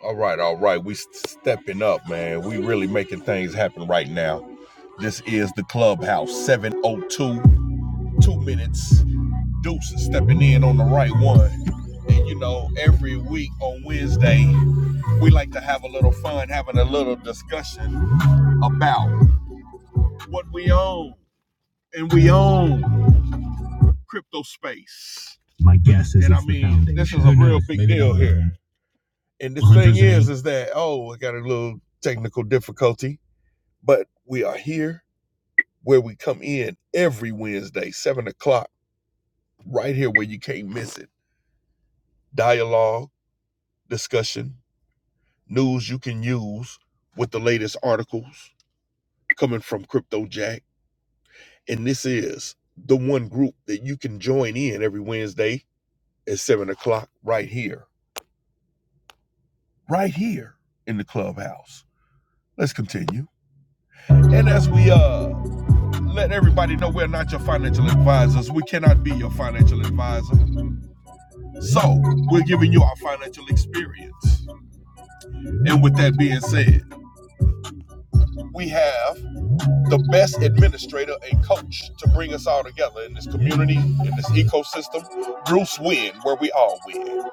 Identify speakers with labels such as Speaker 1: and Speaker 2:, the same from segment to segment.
Speaker 1: All right, all right. We stepping up, man. We really making things happen right now. This is the clubhouse 702, two two minutes. Deuce is stepping in on the right one. And you know, every week on Wednesday, we like to have a little fun, having a little discussion about what we own. And we own crypto space. My guess is, and I mean, this is a real big deal here. And the thing is, is that oh, I got a little technical difficulty but we are here where we come in every Wednesday, seven o'clock, right here where you can't miss it. Dialogue, discussion, news you can use with the latest articles coming from Crypto Jack. And this is the one group that you can join in every Wednesday at seven o'clock, right here, right here in the clubhouse. Let's continue. And as we uh let everybody know we're not your financial advisors. We cannot be your financial advisor. So, we're giving you our financial experience. And with that being said, we have the best administrator and coach to bring us all together in this community, in this ecosystem, Bruce Win, where we all win.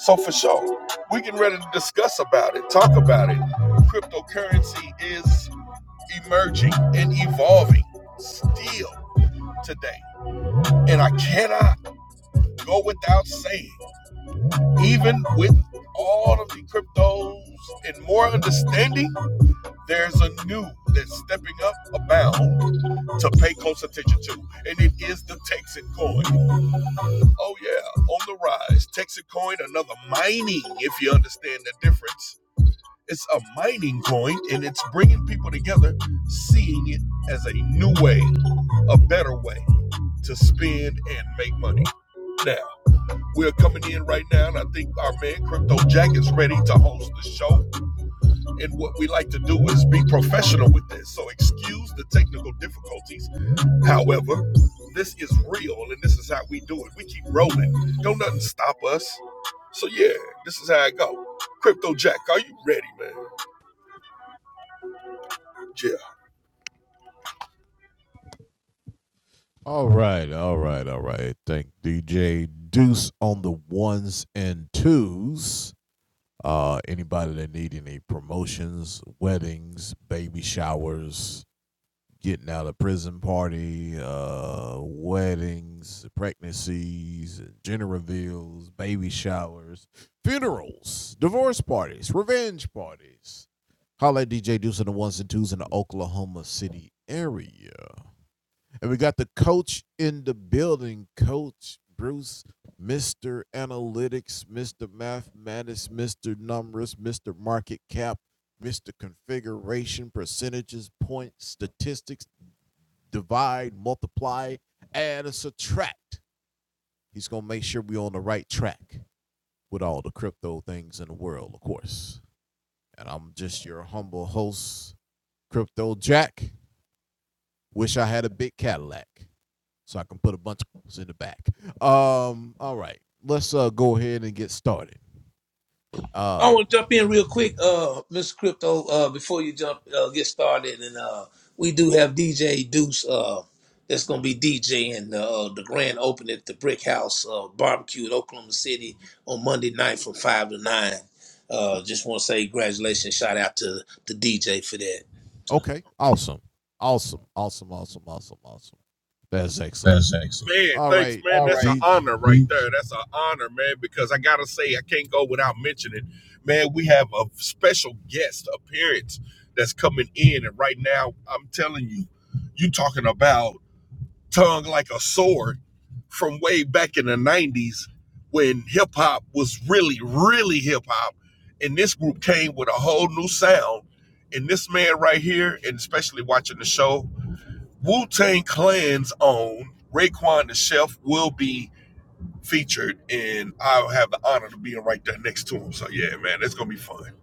Speaker 1: So, for sure, we're getting ready to discuss about it, talk about it. Cryptocurrency is emerging and evolving still today. And I cannot go without saying, even with all of the cryptos and more understanding, there's a new that's stepping up abound to pay close attention to, and it is the Texan coin. Oh yeah, on the rise. Texan coin, another mining, if you understand the difference. It's a mining coin, and it's bringing people together, seeing it as a new way, a better way to spend and make money. Now, we're coming in right now, and I think our man Crypto Jack is ready to host the show. And what we like to do is be professional with this. So excuse the technical difficulties. However, this is real, and this is how we do it. We keep rolling. Don't nothing stop us. So yeah, this is how I go. Crypto Jack, are you ready, man? Yeah.
Speaker 2: I want to jump in real quick, uh, Mr. Crypto, uh, before you jump uh, get started, and uh, we do have DJ Deuce uh, that's going to be DJing the uh, uh, the grand opening at the Brick House uh, Barbecue in Oklahoma City on Monday night from five to nine. Uh, just want to say congratulations, shout out to the DJ for that.
Speaker 1: That's excellent. Man, thanks, man. All That's right. an right. honor right Mhm. there. That's an honor, man, because I got to say, I can't go without mentioning, man, we have a special guest appearance that's coming in. And right now, I'm telling you, you talking about tongue like a sword from way back in the 90s when hip hop was really, really hip hop. And this group came with a whole new sound. And this man right here, and especially watching the show, Wu Tang Clan's own Raekwon the Chef will be featured, and I'll have the honor to being right there next to him. So yeah, man, it's gonna be fun.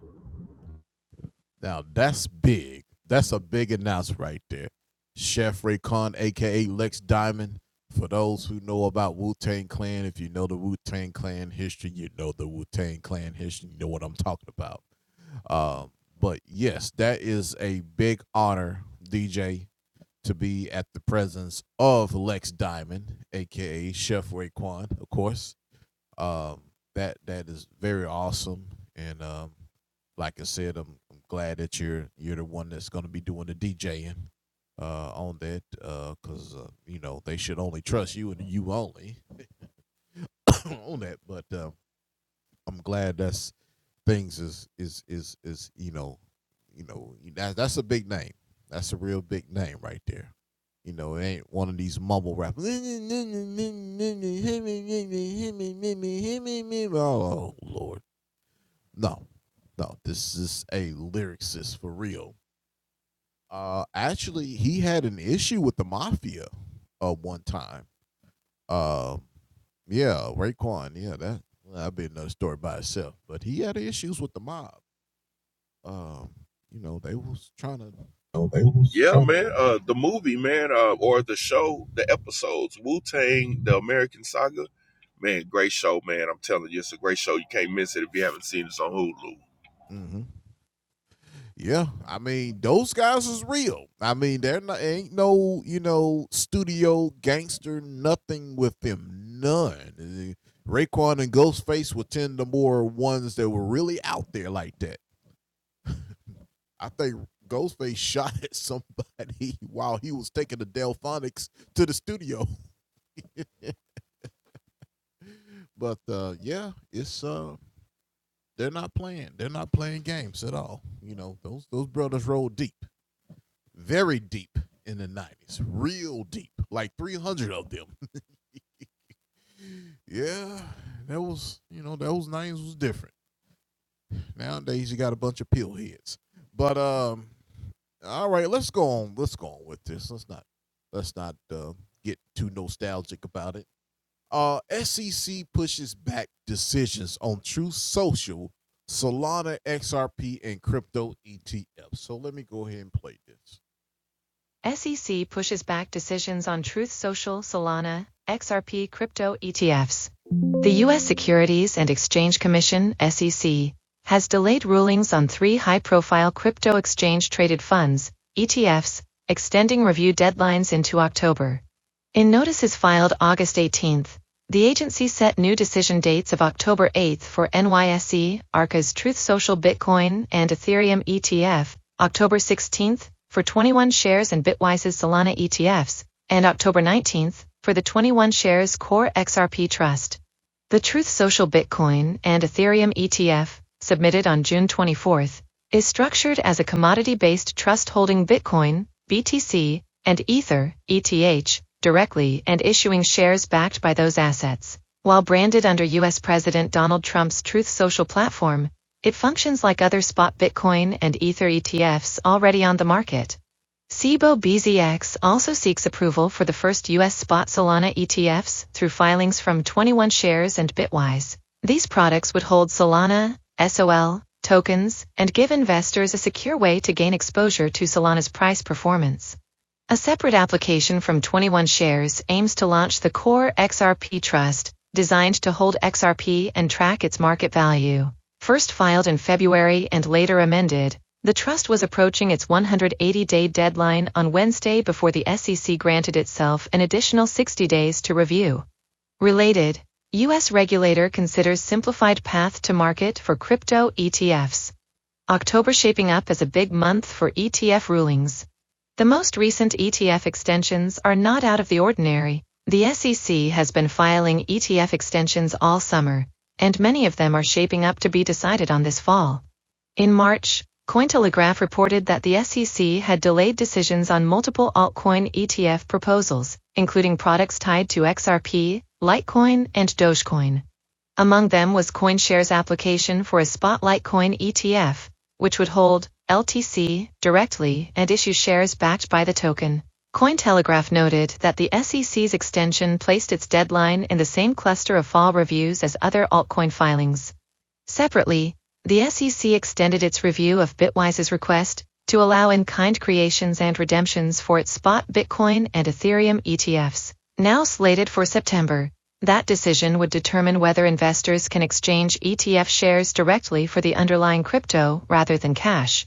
Speaker 1: Okay. Yeah, man. Uh, the movie, man, uh, or the show, the episodes, Wu Tang, the American Saga, man, great show, man. I'm telling you, it's a great show. You can't miss it if you haven't seen it. It's on Hulu.
Speaker 3: SEC pushes back decisions on Truth Social, Solana, XRP crypto ETFs. The U.S. Securities and Exchange Commission, SEC, has delayed rulings on three high profile crypto exchange traded funds, ETFs, extending review deadlines into October. In notices filed August 18th. The agency set new decision dates of October 8th for NYSE, ARCA's Truth Social Bitcoin and Ethereum ETF, October 16th for 21 shares and Bitwise's Solana ETFs, and October 19th for the 21 shares Core XRP Trust. The Truth Social Bitcoin and Ethereum ETF, submitted on June 24th is structured as a commodity-based trust holding Bitcoin, BTC, and Ether, ETH, directly and issuing shares backed by those assets. While branded under U.S. President Donald Trump's Truth Social platform, it functions like other spot Bitcoin and Ether ETFs already on the market. SIBO BZX also seeks approval for the first U.S. spot Solana ETFs through filings from 21 Shares and Bitwise. These products would hold Solana, SOL, tokens, and give investors a secure way to gain exposure to Solana's price performance. A separate application from 21 Shares aims to launch the Core XRP Trust, designed to hold XRP and track its market value first filed in February and later amended, the trust was approaching its 180 day deadline on Wednesday before the SEC granted itself an additional 60 days to review. Related, U.S. regulator considers simplified path to market for crypto ETFs. October shaping up as a big month for ETF rulings. The most recent ETF extensions are not out of the ordinary. The SEC has been filing ETF extensions all summer, and many of them are shaping up to be decided on this fall. In March, Cointelegraph reported that the SEC had delayed decisions on multiple altcoin ETF proposals, including products tied to XRP, Litecoin, and Dogecoin. Among them was CoinShares' application for a Spotlight Coin ETF, which would hold LTC directly and issue shares backed by the token. Cointelegraph noted that the SEC's extension placed its deadline in the same cluster of fall reviews as other altcoin filings. Separately, the SEC extended its review of Bitwise's request to allow in-kind creations and redemptions for its spot Bitcoin and Ethereum ETFs, now slated for September. That decision would determine whether investors can exchange ETF shares directly for the underlying crypto rather than cash.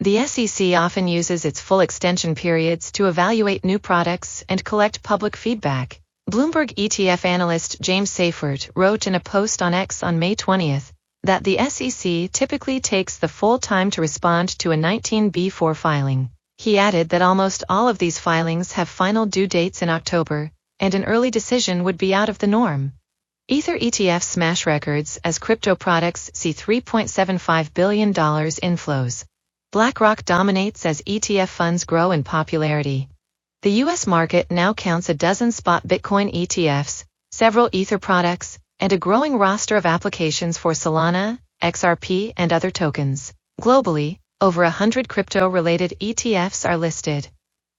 Speaker 3: The SEC often uses its full extension periods to evaluate new products and collect public feedback. Bloomberg ETF analyst James Seyfert wrote in a post on X on May 20th that the SEC typically takes the full time to respond to a 19B4 filing. He added that almost all of these filings have final due dates in October, and an early decision would be out of the norm. Ether ETF smash records as crypto products see $3.75 billion dollars inflows. BlackRock dominates as ETF funds grow in popularity. The U.S. market now counts a dozen spot Bitcoin ETFs, several Ether products, and a growing roster of applications for Solana, XRP, and other tokens. Globally, over 100 crypto-related ETFs are listed.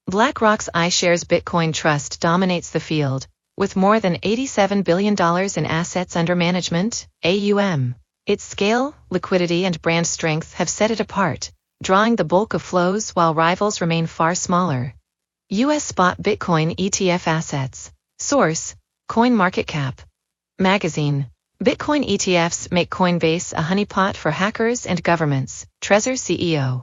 Speaker 3: BlackRock's iShares Bitcoin Trust dominates the field, with more than $87 billion dollars in assets under management, AUM. Its scale, liquidity, and brand strength have set it apart, drawing the bulk of flows while rivals remain far smaller. U.S. spot Bitcoin ETF assets. Source, CoinMarketCap. Magazine. Bitcoin ETFs make Coinbase a honeypot for hackers and governments, Trezor CEO.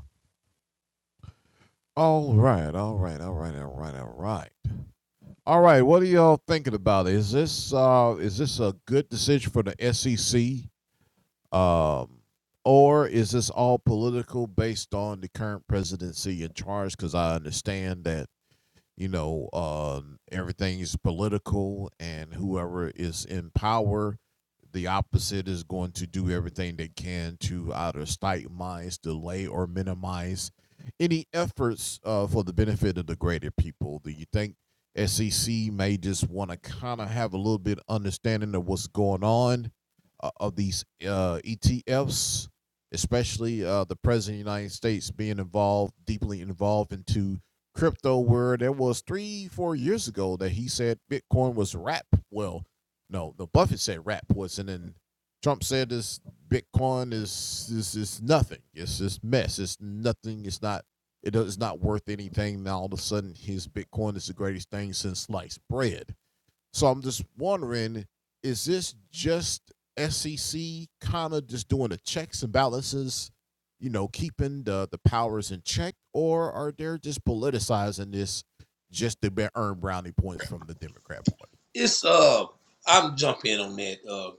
Speaker 2: It's uh, I'm jumping on that. uh,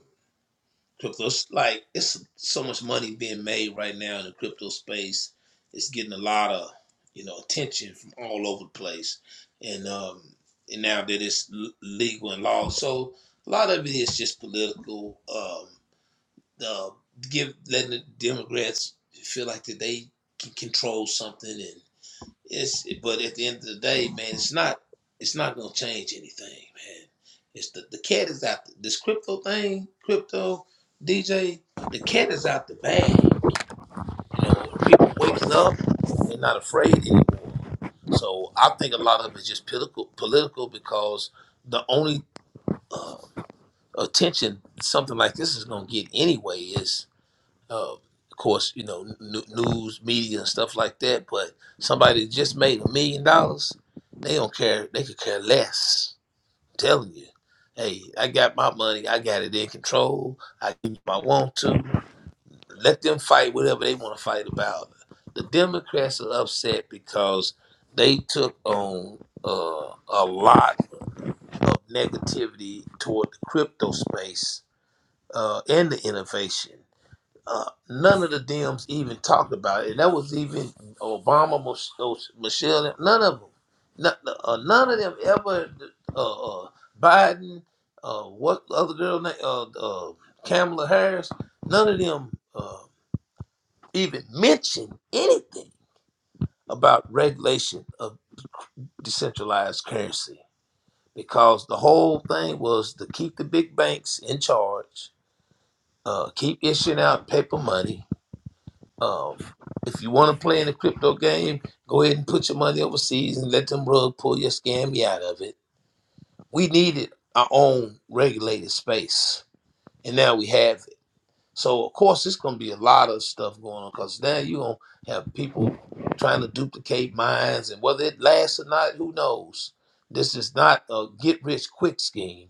Speaker 2: crypto. like it's so much money being made right now in the crypto space. It's getting a lot of you know attention from all over the place, and um, and now that it's legal and law, so a lot of it is just political. Um, the give letting the Democrats feel like that they can control something and. It's but at the end of the day, man, it's not it's not gonna change anything, man. It's the the cat is out the, this crypto thing, crypto DJ. The cat is out the bag. You know, people waking up, they're not afraid anymore. So I think a lot of it's just political, political because the only uh, attention something like this is gonna get anyway is um, of course, you know, n- news, media, and stuff like that. But somebody that just made a million dollars, they don't care. They could care less. I'm telling you, hey, I got my money. I got it in control. I do what I want to. Let them fight whatever they want to fight about. The Democrats are upset because they took on uh, a lot of negativity toward the crypto space uh, and the innovation. Uh, none of the Dems even talked about it. And that was even Obama, Mich- oh, Michelle, none of them. None, uh, none of them ever, uh, uh, Biden, uh, what other girl name, uh, uh, Kamala Harris, none of them uh, even mentioned anything about regulation of decentralized currency because the whole thing was to keep the big banks in charge, uh, keep issuing out paper money, of if you want to play in the crypto game, go ahead and put your money overseas and let them rug pull your scammy out of it. We needed our own regulated space, and now we have it. So of course, it's going to be a lot of stuff going on because now you going to have people trying to duplicate mines, and whether it lasts or not, who knows? This is not a get rich quick scheme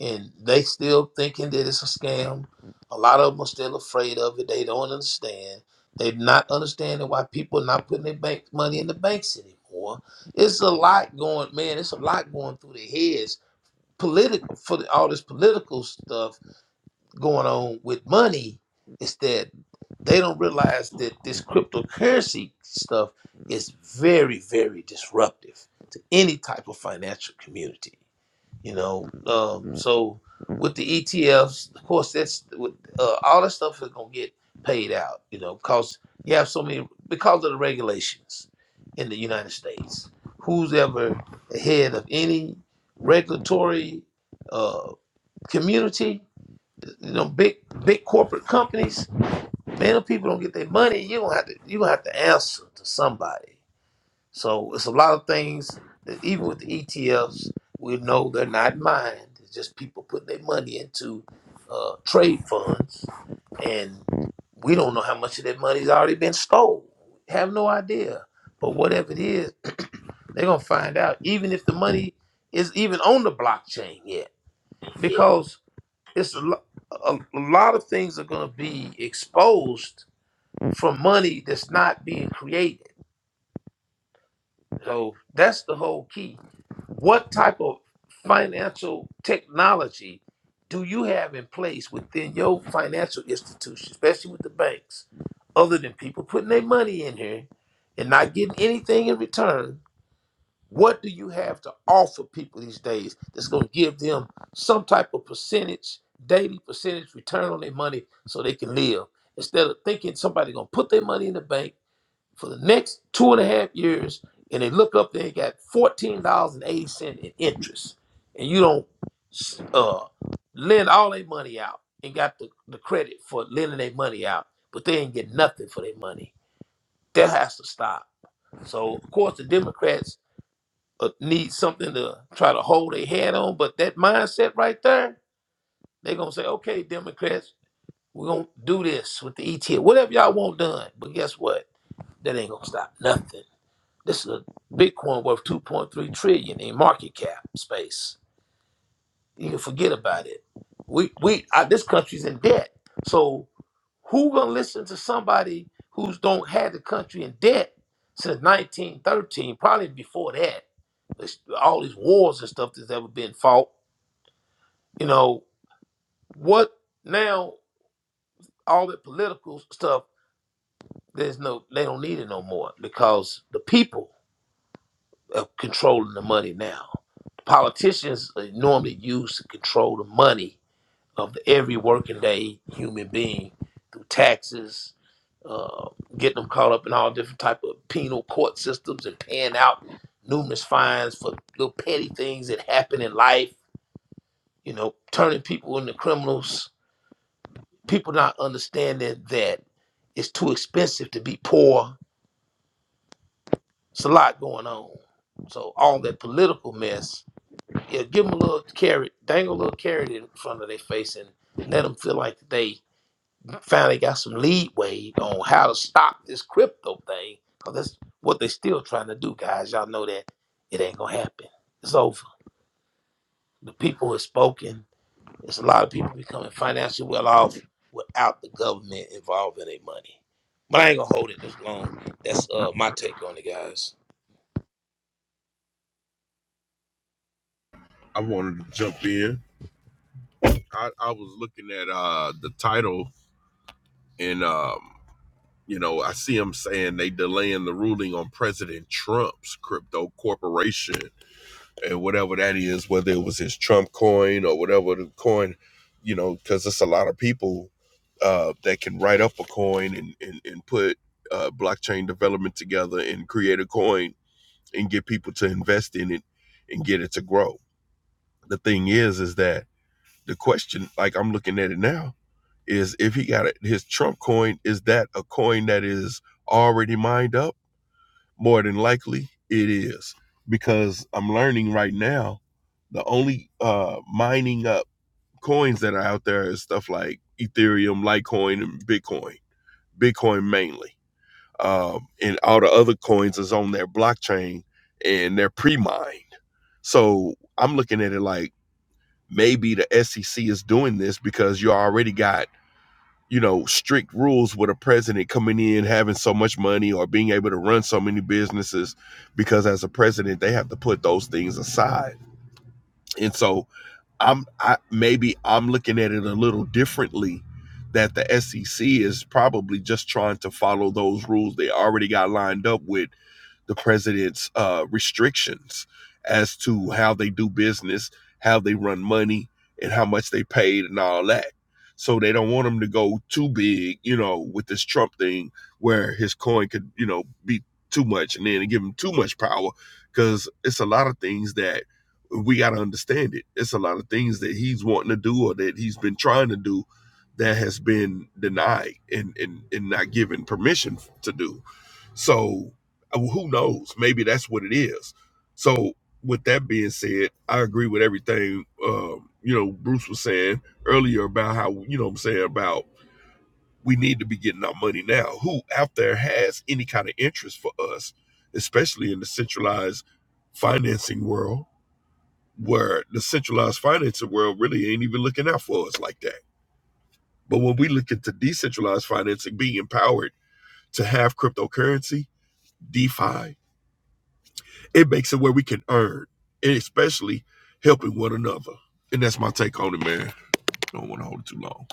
Speaker 2: and they still thinking that it's a scam. A lot of them are still afraid of it. They don't understand. They're not understanding why people are not putting their bank money in the banks anymore. It's a lot going, man. It's a lot going through their heads. Political for the, all this political stuff going on with money is that they don't realize that this cryptocurrency stuff is very, very disruptive to any type of financial community. You know, um, so with the ETFs, of course, that's with, uh, all that stuff is gonna get paid out. You know, because you have so many because of the regulations in the United States. Who's ever ahead of any regulatory uh, community you know, big big corporate companies, man, if people don't get their money, you gonna have to you gonna have to answer to somebody. So it's a lot of things that even with the ETFs, we know they're not mined. It's just people putting their money into uh, trade funds, and we don't know how much of that money's already been stole. Have no idea. But whatever it is, they're gonna find out. Even if the money is even on the blockchain yet, because it's a, lo- a, a lot of things are going to be exposed for money that's not being created. So that's the whole key. What type of financial technology do you have in place within your financial institution, especially with the banks, other than people putting their money in here and not getting anything in return? What do you have to offer people these days that's going to give them some type of percentage, daily percentage return on their money so they can live? Instead of thinking somebody going to put their money in the bank for the next two and a half years and they look up, they got $14.80 in interest. And you don't uh, lend all their money out and got the, the credit for lending their money out, but they ain't get nothing for their money. That has to stop. So, of course, the Democrats uh, need something to try to hold their head on. But that mindset right there, they're gonna say, "Okay, Democrats, we're gonna do this with the ETF, whatever y'all want done." But guess what? That ain't gonna stop nothing. This is a Bitcoin worth 2.3 trillion in market cap space. You can forget about it. We we I, this country's in debt. So who gonna listen to somebody who's don't had the country in debt since 1913? Probably before that. It's all these wars and stuff that's ever been fought. You know what? Now all the political stuff. There's no. They don't need it no more because the people are controlling the money now. Politicians are normally used to control the money of every working day human being through taxes, uh, getting them caught up in all different type of penal court systems and paying out numerous fines for little petty things that happen in life, you know, turning people into criminals, people not understanding that it's too expensive to be poor. It's a lot going on. So all that political mess, yeah, give them a little carrot, dangle a little carrot in front of their face and let them feel like they finally got some leeway on how to stop this crypto thing because that's what they're still trying to do, guys. Y'all know that it ain't gonna happen. It's over. The people have spoken. There's a lot of people becoming financially well off without the government involving their money. But I ain't gonna hold it this long. That's uh, my take on it, guys.
Speaker 1: I wanted to jump in. I, I was looking at uh the title, and um You know, I see them saying they delaying the ruling on President Trump's crypto corporation and whatever that is, whether it was his Trump coin or whatever the coin, you know, because it's a lot of people uh, that can write up a coin and, and, and put uh, blockchain development together and create a coin and get people to invest in it and get it to grow. The thing is, is that the question, like I'm looking at it now, is if he got it, his Trump coin, is that a coin that is already mined up? More than likely, it is because I'm learning right now the only uh, mining up coins that are out there is stuff like Ethereum, Litecoin, and Bitcoin. Bitcoin mainly, um, and all the other coins is on their blockchain and they're pre-mined. So I'm looking at it like maybe the SEC is doing this because you already got you know, strict rules with a president coming in having so much money or being able to run so many businesses because as a president they have to put those things aside. And so I'm I maybe I'm looking at it a little differently that the SEC is probably just trying to follow those rules they already got lined up with the president's uh, restrictions as to how they do business, how they run money, and how much they paid and all that. So they don't want him to go too big, you know, with this Trump thing where his coin could, you know, be too much and then give him too much power because it's a lot of things that we got to understand it. It's a lot of things that he's wanting to do or that he's been trying to do that has been denied and, and, and not given permission to do. So uh, who knows? Maybe that's what it is. So with that being said, I agree with everything um, you know Bruce was saying earlier about how you know what I'm saying about we need to be getting our money now. Who out there has any kind of interest for us, especially in the centralized financing world, where the centralized financing world really ain't even looking out for us like that. But when we look at the decentralized financing, being empowered to have cryptocurrency, DeFi, It makes it where we can earn, and especially helping one another. And that's my take on it, man. Don't want to hold it too long.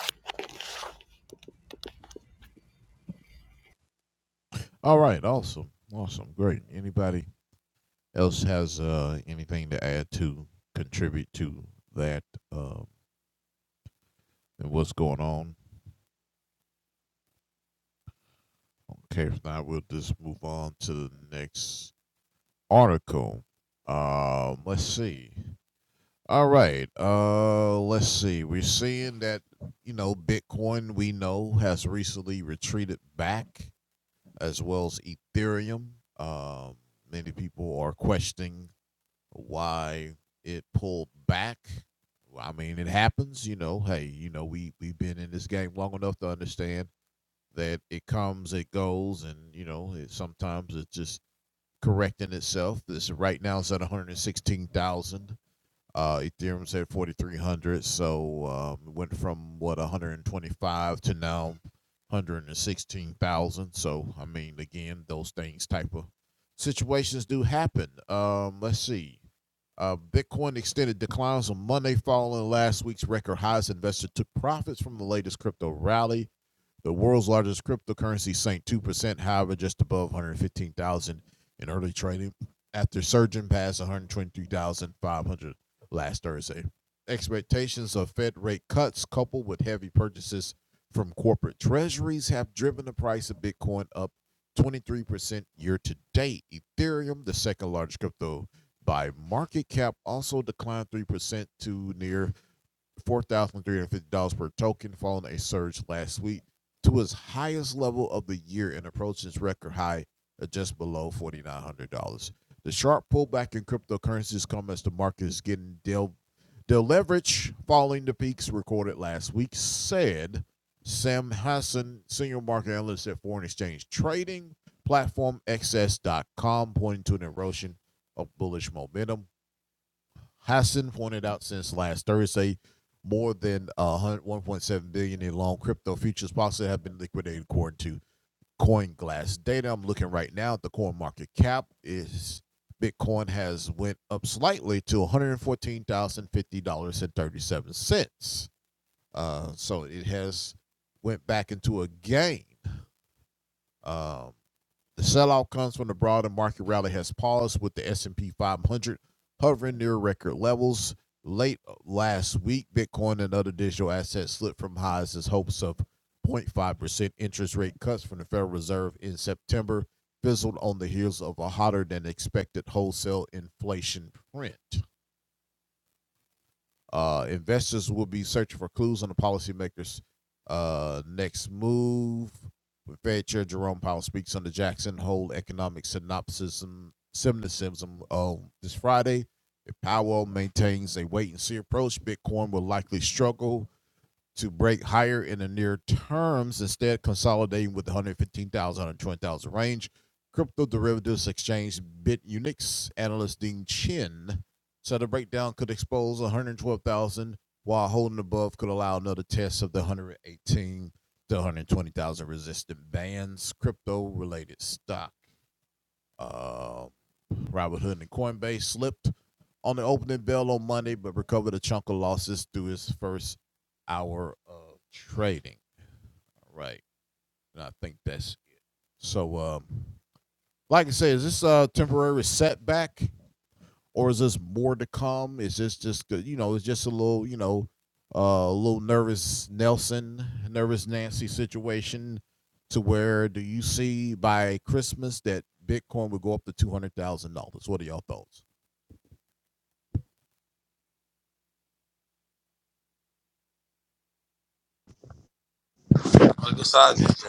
Speaker 2: I guess I just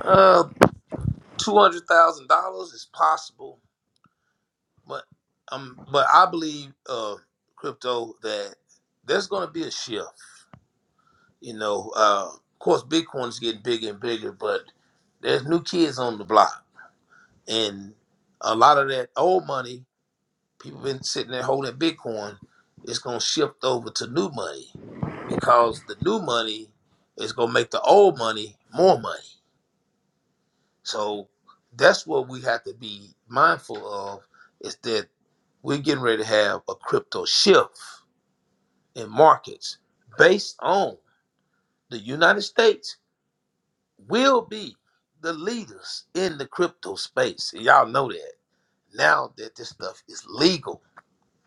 Speaker 2: Uh, two hundred thousand dollars is possible, but um, but I believe uh, crypto that there's gonna be a shift You know, uh, of course, Bitcoin's getting bigger and bigger, but there's new kids on the block, and a lot of that old money, people been sitting there holding Bitcoin, it's gonna shift over to new money because the new money is gonna make the old money more money. So that's what we have to be mindful of is that we're getting ready to have a crypto shift in markets based on the United States will be the leaders in the crypto space. And y'all know that now that this stuff is legal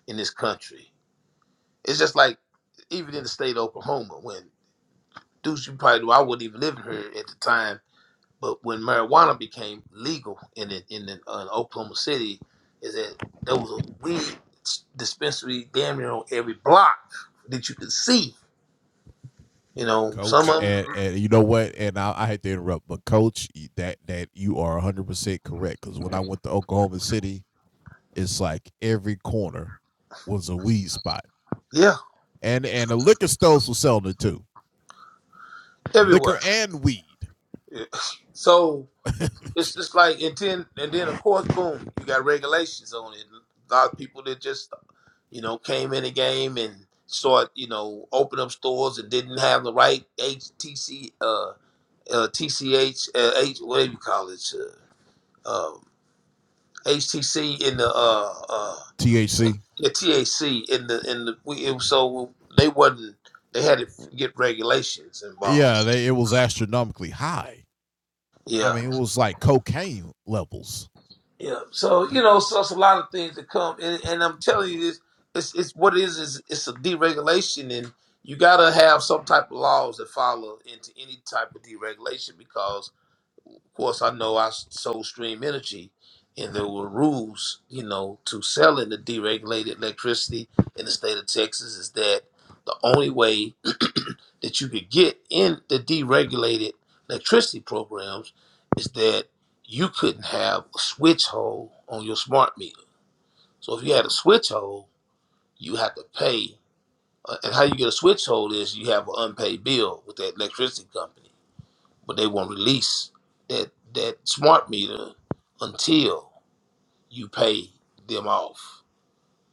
Speaker 2: in this country. It's just like even in the state of Oklahoma, when dudes you probably know, I wouldn't even live here at the time, but when marijuana became legal in in, in, in Oklahoma City, is that there was a weed dispensary damn near on every block that you could see. You know, some of them, yeah, everywhere. Yeah. So It's just like and then and then of course boom, you got regulations on it. A lot of people that just you know came in the game and start you know open up stores and didn't have the right HTC uh, uh TCH uh, H whatever you call it uh, um, HTC in the uh uh yeah, TAC in the in the we it was so they wasn't they had to get regulations involved. Yeah. Yeah. So you know, so it's a lot of things that come, and, and I'm telling you, it's, it's it's what it is is it's a deregulation, and you gotta have some type of laws that follow into any type of deregulation because, of course, I know I sold Stream Energy, and there were rules, you know, to selling the deregulated electricity in the state of Texas is that the only way that you could get in the deregulated electricity programs is that you couldn't have a switch hole on your smart meter. So if you had a switch hole, you have to pay. Uh, And how you get a switch hole is you have an unpaid bill with that electricity company, but they won't release that that smart meter until you pay them off.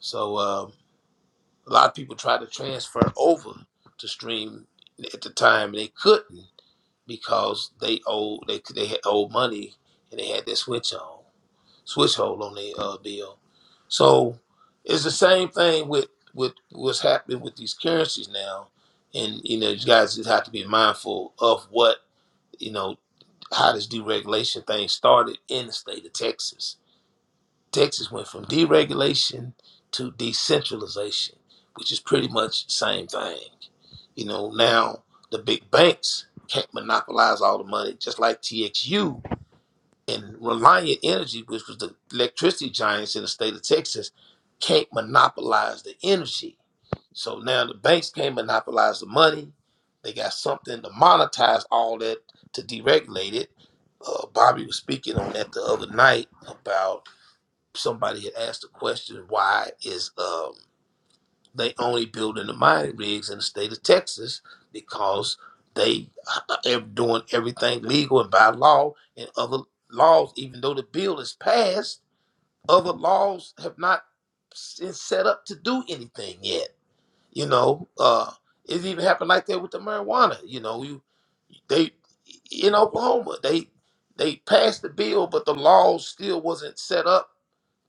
Speaker 2: So um, a lot of people tried to transfer over to Stream at the time, and they couldn't because they owe they they had owed money and they had that switch on switch hold on their uh, bill. So it's the same thing with with what's happening with these currencies now, and you know you guys just have to be mindful of what you know how this deregulation thing started in the state of Texas Texas went from deregulation to decentralization, which is pretty much the same thing. You know, now the big banks can't monopolize all the money, just like TXU and Reliant Energy, which was the electricity giants in the state of Texas, can't monopolize the energy. So now the banks can't monopolize the money. They got something to monetize all that to deregulate it. Uh, Bobby was speaking on that the other night about somebody had asked the question why is um, they only building the mining rigs in the state of Texas because they are doing everything legal and by law and other laws even though the bill is passed other laws have not been set up to do anything yet you know uh it even happened like that with the marijuana you know they in Oklahoma, they they passed the bill, but the law still wasn't set up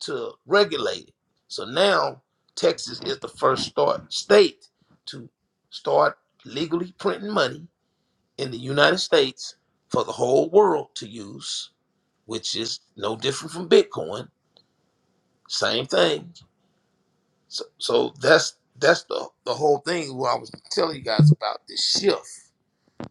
Speaker 2: to regulate it. So now Texas is the first start state to start legally printing money in the United States for the whole world to use, which is no different from Bitcoin. Same thing. So, so that's that's the the whole thing what I was telling you guys about this shift.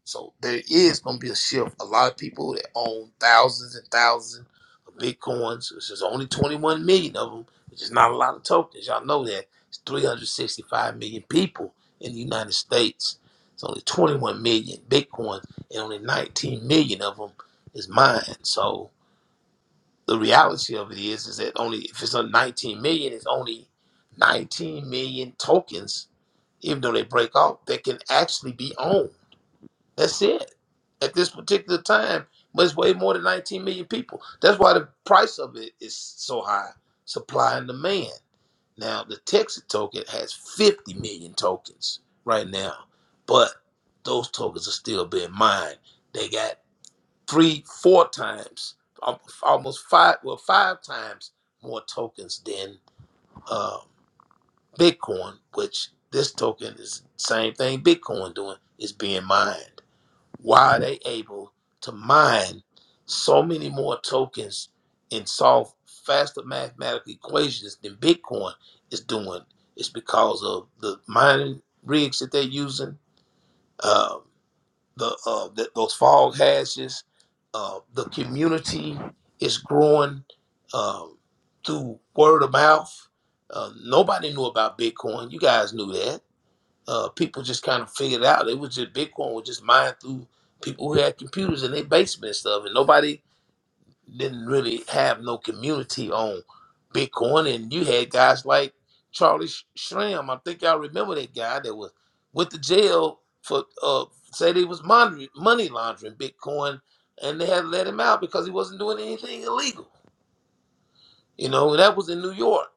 Speaker 2: So there is going to be a shift. A lot of people that own thousands and thousands of bitcoins, which is only 21 million of them, which is not a lot of tokens. Y'all know that. It's 365 million people in the United States. It's only 21 million bitcoins, and only 19 million of them is mine. So the reality of it is, is that only if it's only 19 million, it's only 19 million tokens even though they break off, that can actually be owned. That's it. At this particular time, but it's way more than 19 million people. That's why the price of it is so high. Supply and demand. Now, the Texas token has 50 million tokens right now, but those tokens are still being mined. They got three, four times, al- almost five, well, five times more tokens than um, Bitcoin, which this token is same thing Bitcoin doing is being mined. Why are they able to mine so many more tokens and solve faster mathematical equations than Bitcoin is doing? It's because of the mining rigs that they're using, uh, the, uh, the those fog hashes, uh, the community is growing um, through word of mouth. Uh, nobody knew about Bitcoin. You guys knew that uh, people just kind of figured out it was just Bitcoin was just mined through people who had computers in their basement and stuff, and nobody didn't really have no community on Bitcoin. And you had guys like Charlie Sh- Schramm. I think y'all remember that guy that was went to jail for uh, said he was mon- money laundering Bitcoin, and they had to let him out because he wasn't doing anything illegal. You know, and that was in New York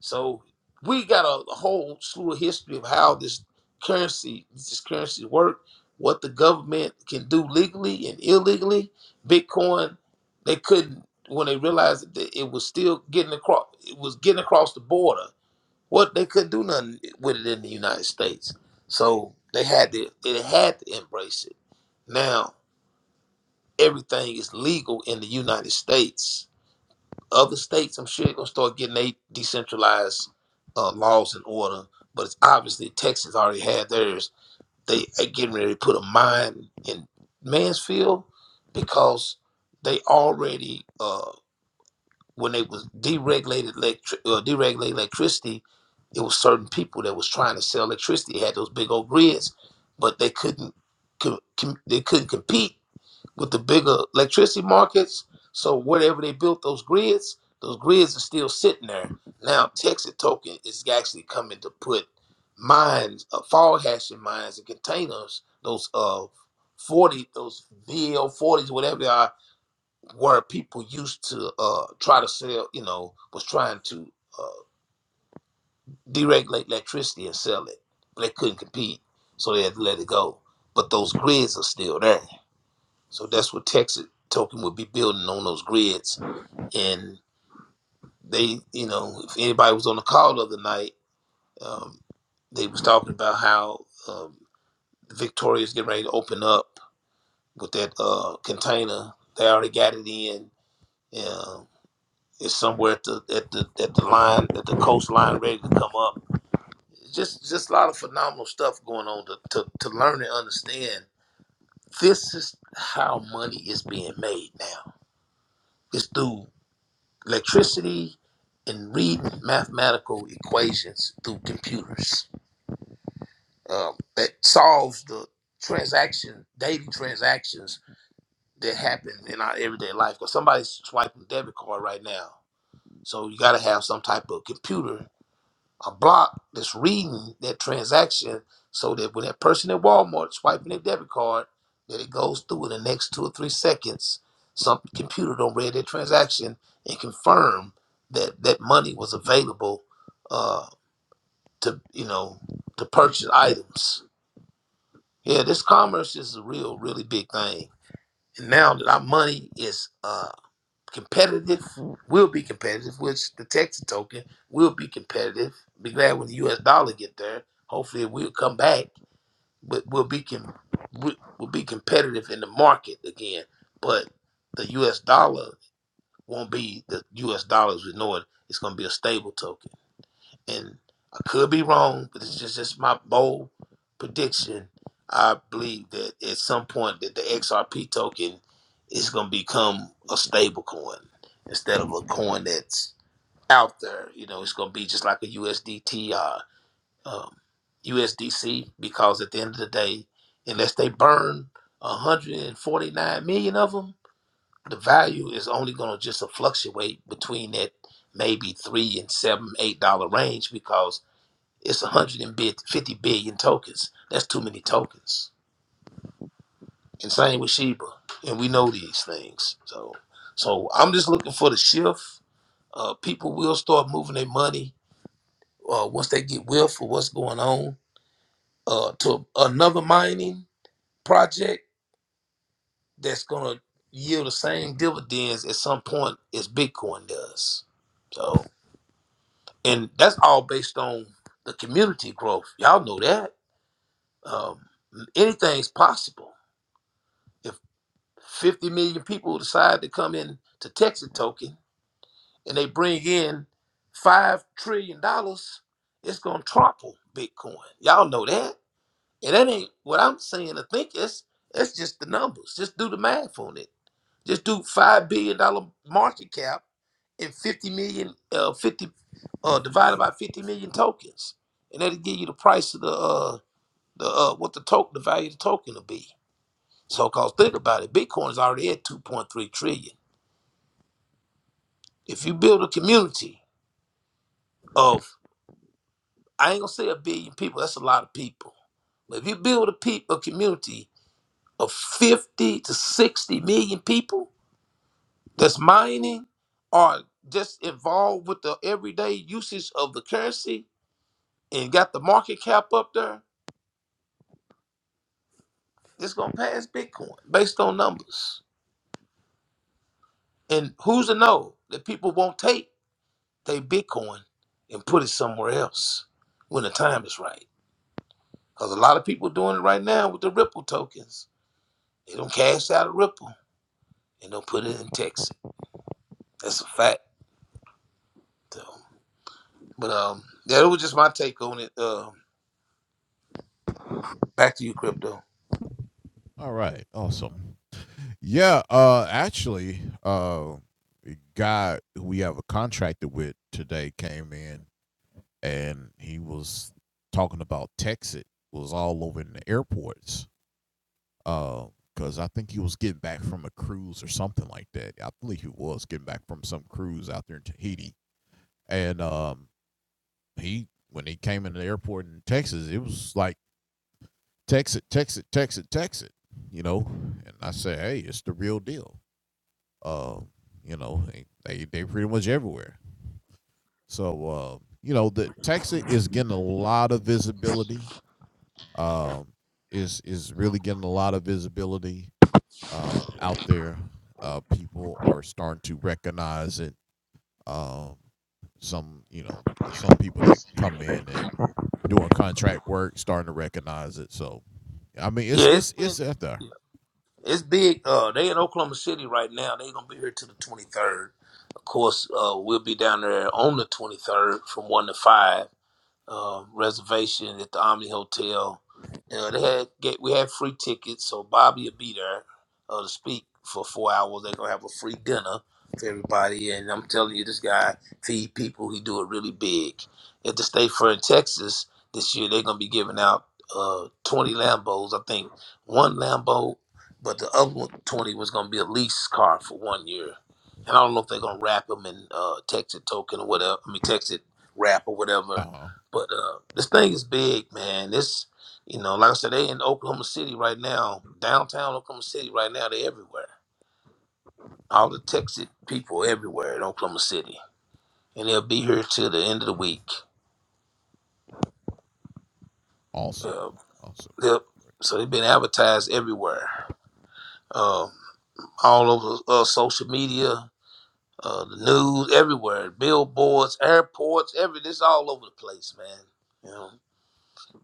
Speaker 2: so we got a, whole slew of history of how this currency, this currency work, what the government can do legally and illegally. Bitcoin, they couldn't when they realized that it was still getting across, it was getting across the border. What they couldn't do nothing with it in the United States, so they had to, they had to embrace it. Now everything is legal in the United States other states, I'm sure, are gonna start getting they decentralized uh, laws and order. But it's obviously Texas already had theirs. They are getting ready to put a mine in Mansfield because they already uh, when they was deregulated electric uh, deregulated electricity, it was certain people that was trying to sell electricity They had those big old grids, but they couldn't co- com- they couldn't compete with the bigger electricity markets. So whatever they built those grids, those grids are still sitting there. Now Texas Token is actually coming to put mines, uh, fog hashing mines and containers, those uh forty, those VL forties, whatever they are, where people used to uh try to sell, you know, was trying to uh, deregulate electricity and sell it, but they couldn't compete, so they had to let it go. But those grids are still there. So that's what Texas Token would be building on those grids. And they, you know, if anybody was on the call the other night, um, they was talking about how um, Victoria's getting ready to open up with that uh, container. They already got it in. Uh, it's somewhere at the at the at the line at the coastline ready to come up. Just just a lot of phenomenal stuff going on to, to, to learn and understand. This is how money is being made now. It's through electricity and reading mathematical equations through computers um, that solves the transaction daily transactions that happen in our everyday life because somebody's swiping a debit card right now so you got to have some type of computer a block that's reading that transaction so that when that person at Walmart swiping their debit card, that it goes through in the next two or three seconds, some computer don't read that transaction and confirm that that money was available uh, to you know to purchase items. Yeah, this commerce is a real really big thing. And now that our money is uh, competitive. We'll be competitive, which the Texas token will be competitive. Be glad when the U.S. dollar get there. Hopefully, we'll come back, but we'll be com- we- we'll be competitive in the market again. But the U.S. dollar won't be the U.S. dollars we know it. It's going to be a stable token and I could be wrong, but it's just, just my bold prediction. I believe that at some point that the XRP token is going to become a stable coin instead of a coin that's out there. You know, it's going to be just like a USDT or um, USDC because at the end of the day, unless they burn 149 million of them, the value is only going to just fluctuate between that maybe three and seven, eight dollar range because it's 150 billion tokens. That's too many tokens. And same with Sheba. And we know these things. So so I'm just looking for the shift. Uh, people will start moving their money uh, once they get will for what's going on uh, to another mining project that's going to yield the same dividends at some point as Bitcoin does. So, and that's all based on the community growth. Y'all know that. Um, anything's possible 50 million people decide to come in to Texas token and they bring in $5 trillion, dollars, it's going to topple Bitcoin. Y'all know that. And that ain't what I'm saying I think. It's, that's just the numbers. Just do the math on it. Just do $5 billion dollars market cap and 50 million, uh, 50, uh, divided by 50 million tokens. And that'll give you the price of the, uh, the, uh, what the token, the value of the token will be. So, cause think about it, Bitcoin's already at 2.3 trillion. if you build a community of I ain't gonna say a billion people, that's a lot of people. But if you build a peop a community of fifty to sixty million people that's mining or just involved with the everyday usage of the currency and got the market cap up there, it's gonna pass Bitcoin based on numbers. And who's to know that people won't take their Bitcoin and put it somewhere else when the time is right? Because a lot of people doing it right now with the Ripple tokens They don't cash out a Ripple and don't put it in Texas. That's a fact. So, but um, yeah, it was just my take on it. Uh, back to you, crypto. Yeah, it's been it's big. Uh, they in Oklahoma City right now. They gonna be here till the twenty third. Of course, uh, we'll be down there on the twenty third from one to five. uh, reservation at the Omni Hotel. Uh, they had get, we had free tickets, so Bobby will be there uh, to speak for four hours. They're gonna have a free dinner for everybody, and I'm telling you, this guy feed people. He do it really big. At the State Fair in Texas this year, they're gonna be giving out uh, 20 Lambos. I think one Lambo, but the other one, 20 was gonna be a lease car for one year. And I don't know if they're gonna wrap them in uh, Texas token or whatever. I mean, Texas wrap or whatever but uh, this thing is big, man. This, you know, like I said, they in Oklahoma City right now, downtown Oklahoma City right now. They everywhere. All the Texas people everywhere in Oklahoma City, and they'll be here till the end of the week. Uh, they'll, so they've been advertised everywhere, Um all over uh, social media, uh, the news, everywhere, billboards, airports, every. This all over the place, man. You know,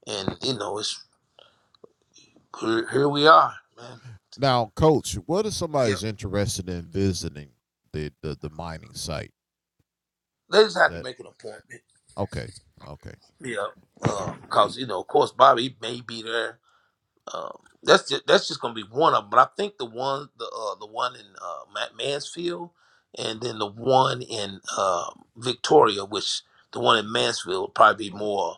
Speaker 2: and you know, it's here, here we are, man. Yep, they just have to make an appointment. Yeah, because uh, you know, of course, Bobby may be there. Um, that's just, that's just gonna be one of them. But I think the one, the uh, the one in uh, Ma- Mansfield, and then the one in uh, Victoria, which the one in Mansfield will probably be more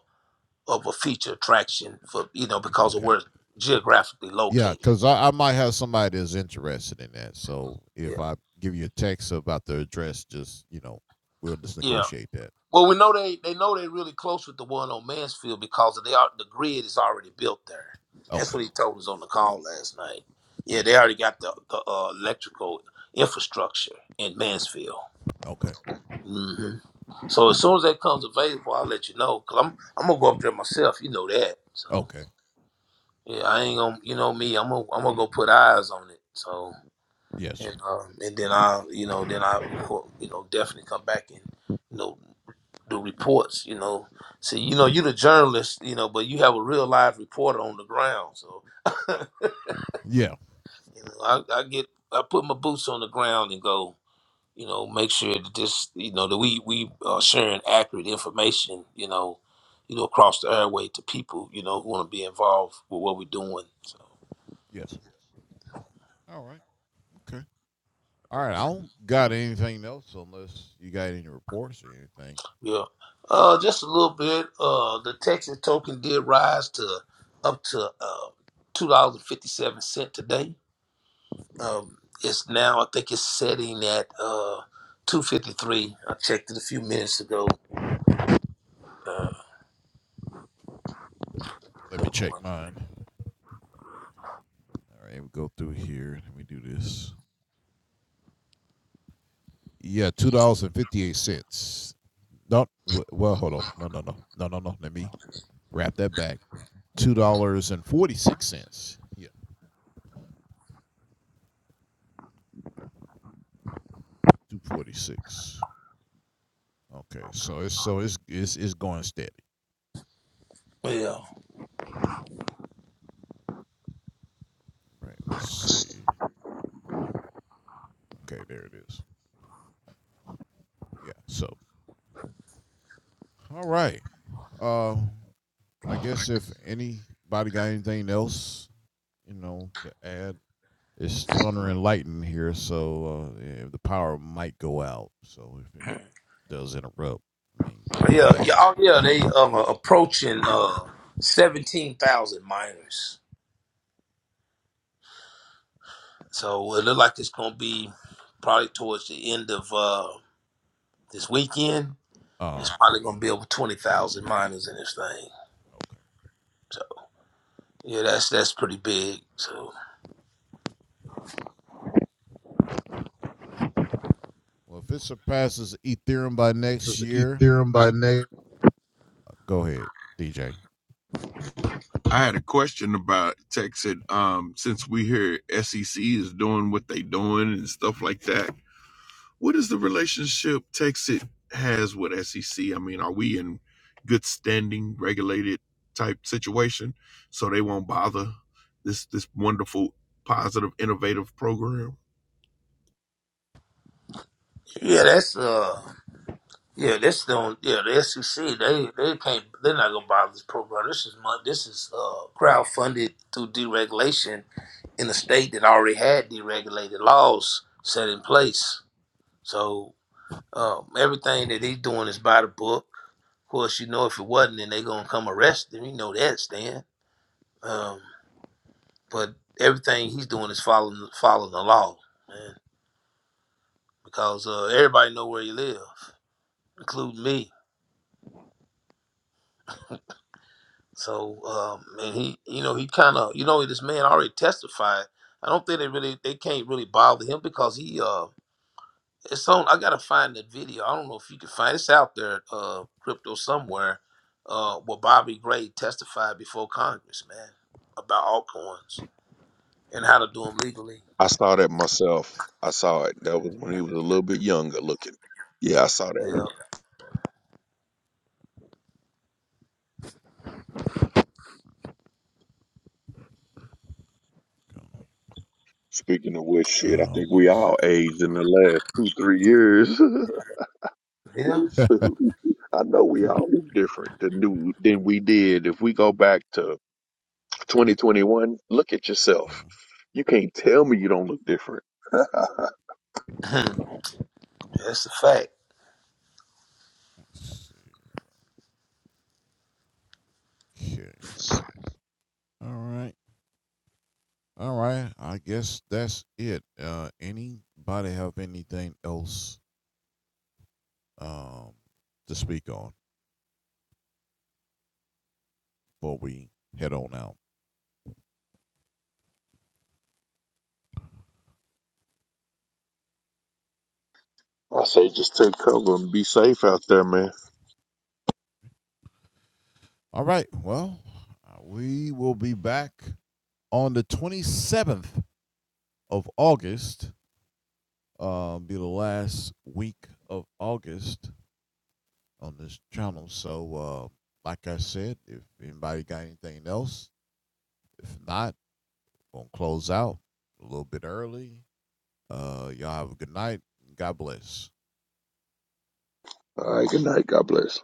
Speaker 2: of a feature attraction for you know because of where it's geographically located. Yeah, yeah. Well, we know they they know they're really close with the one on Mansfield because they are the grid is already built there. That's what he told us on the call last night. Yeah, they already got the, the uh, electrical infrastructure in Mansfield. hmm So as soon as that comes available, I'll let you know. Cause I'm I'm gonna go up there myself. You know that. So yeah, I ain't gonna. You know me. I'm gonna I'm gonna go put eyes on it. So and um, and then I'll you know then I will you know definitely come back and. you know. do reports, you know. See, you know, you are the journalist, you know, but you have a real live reporter on the ground. So, you know, I, I get, I put my boots on the ground and go, you know, make sure that this, you know, that we we are sharing accurate information, you know, you know, across the airway to people, you know, who want to be involved with what we're doing. So, yeah, uh, just a little bit. Uh, the Texas token did rise to up to uh, two dollars and fifty seven cent today Um, it's now, I think it's setting at uh, 2.53. I checked it a few minutes ago. Uh, yeah, yeah, yeah, oh, yeah. They um, are approaching uh, 17,000 miners. So well, it looks like it's going to be probably towards the end of uh, this weekend. It's probably going to be over 20,000 miners in this thing. So yeah, that's that's pretty big. So
Speaker 1: This is Ethereum by name. I had a question about Texas. Um, since we hear SEC is doing what they doing and stuff like that, what is the relationship Texas has with SEC? I mean, are we in good standing, regulated type situation, so they won't bother this this wonderful, positive, innovative program?
Speaker 2: yeah, that's uh Yeah, this don't. Yeah, the SEC they they can't. They're not gonna buy this program. This is mon- This is uh, crowdfunded through deregulation in a state that already had deregulated laws set in place. So um, everything that he's doing is by the book. Of course, you know if it wasn't, then they gonna come arrest him. You know that, Stan. Um, but everything he's doing is following following the law, man. Because uh, everybody know where you live, including me. So um, and he, you know, he kind of, you know, this man already testified. I don't think they really, they can't really bother him because he, uh, it's on. I gotta find that video. I don't know if you can find it. it's out there, uh, crypto somewhere, uh, where Bobby Gray testified before Congress, man, about altcoins and how to do them legally.
Speaker 1: I saw that myself. I saw it. That was when he was a little bit younger looking. Yeah, I saw
Speaker 2: Yeah,
Speaker 1: that. Speaking of which, shit, I think we all aged in the last two, three years.
Speaker 2: yeah,
Speaker 1: So, I know we all look different than, do, than we did. If we go back to 2021, look at yourself. You can't tell me you don't look different. I
Speaker 2: that's a fact.
Speaker 1: say just take cover and be safe out there, man. All right, good night. God bless.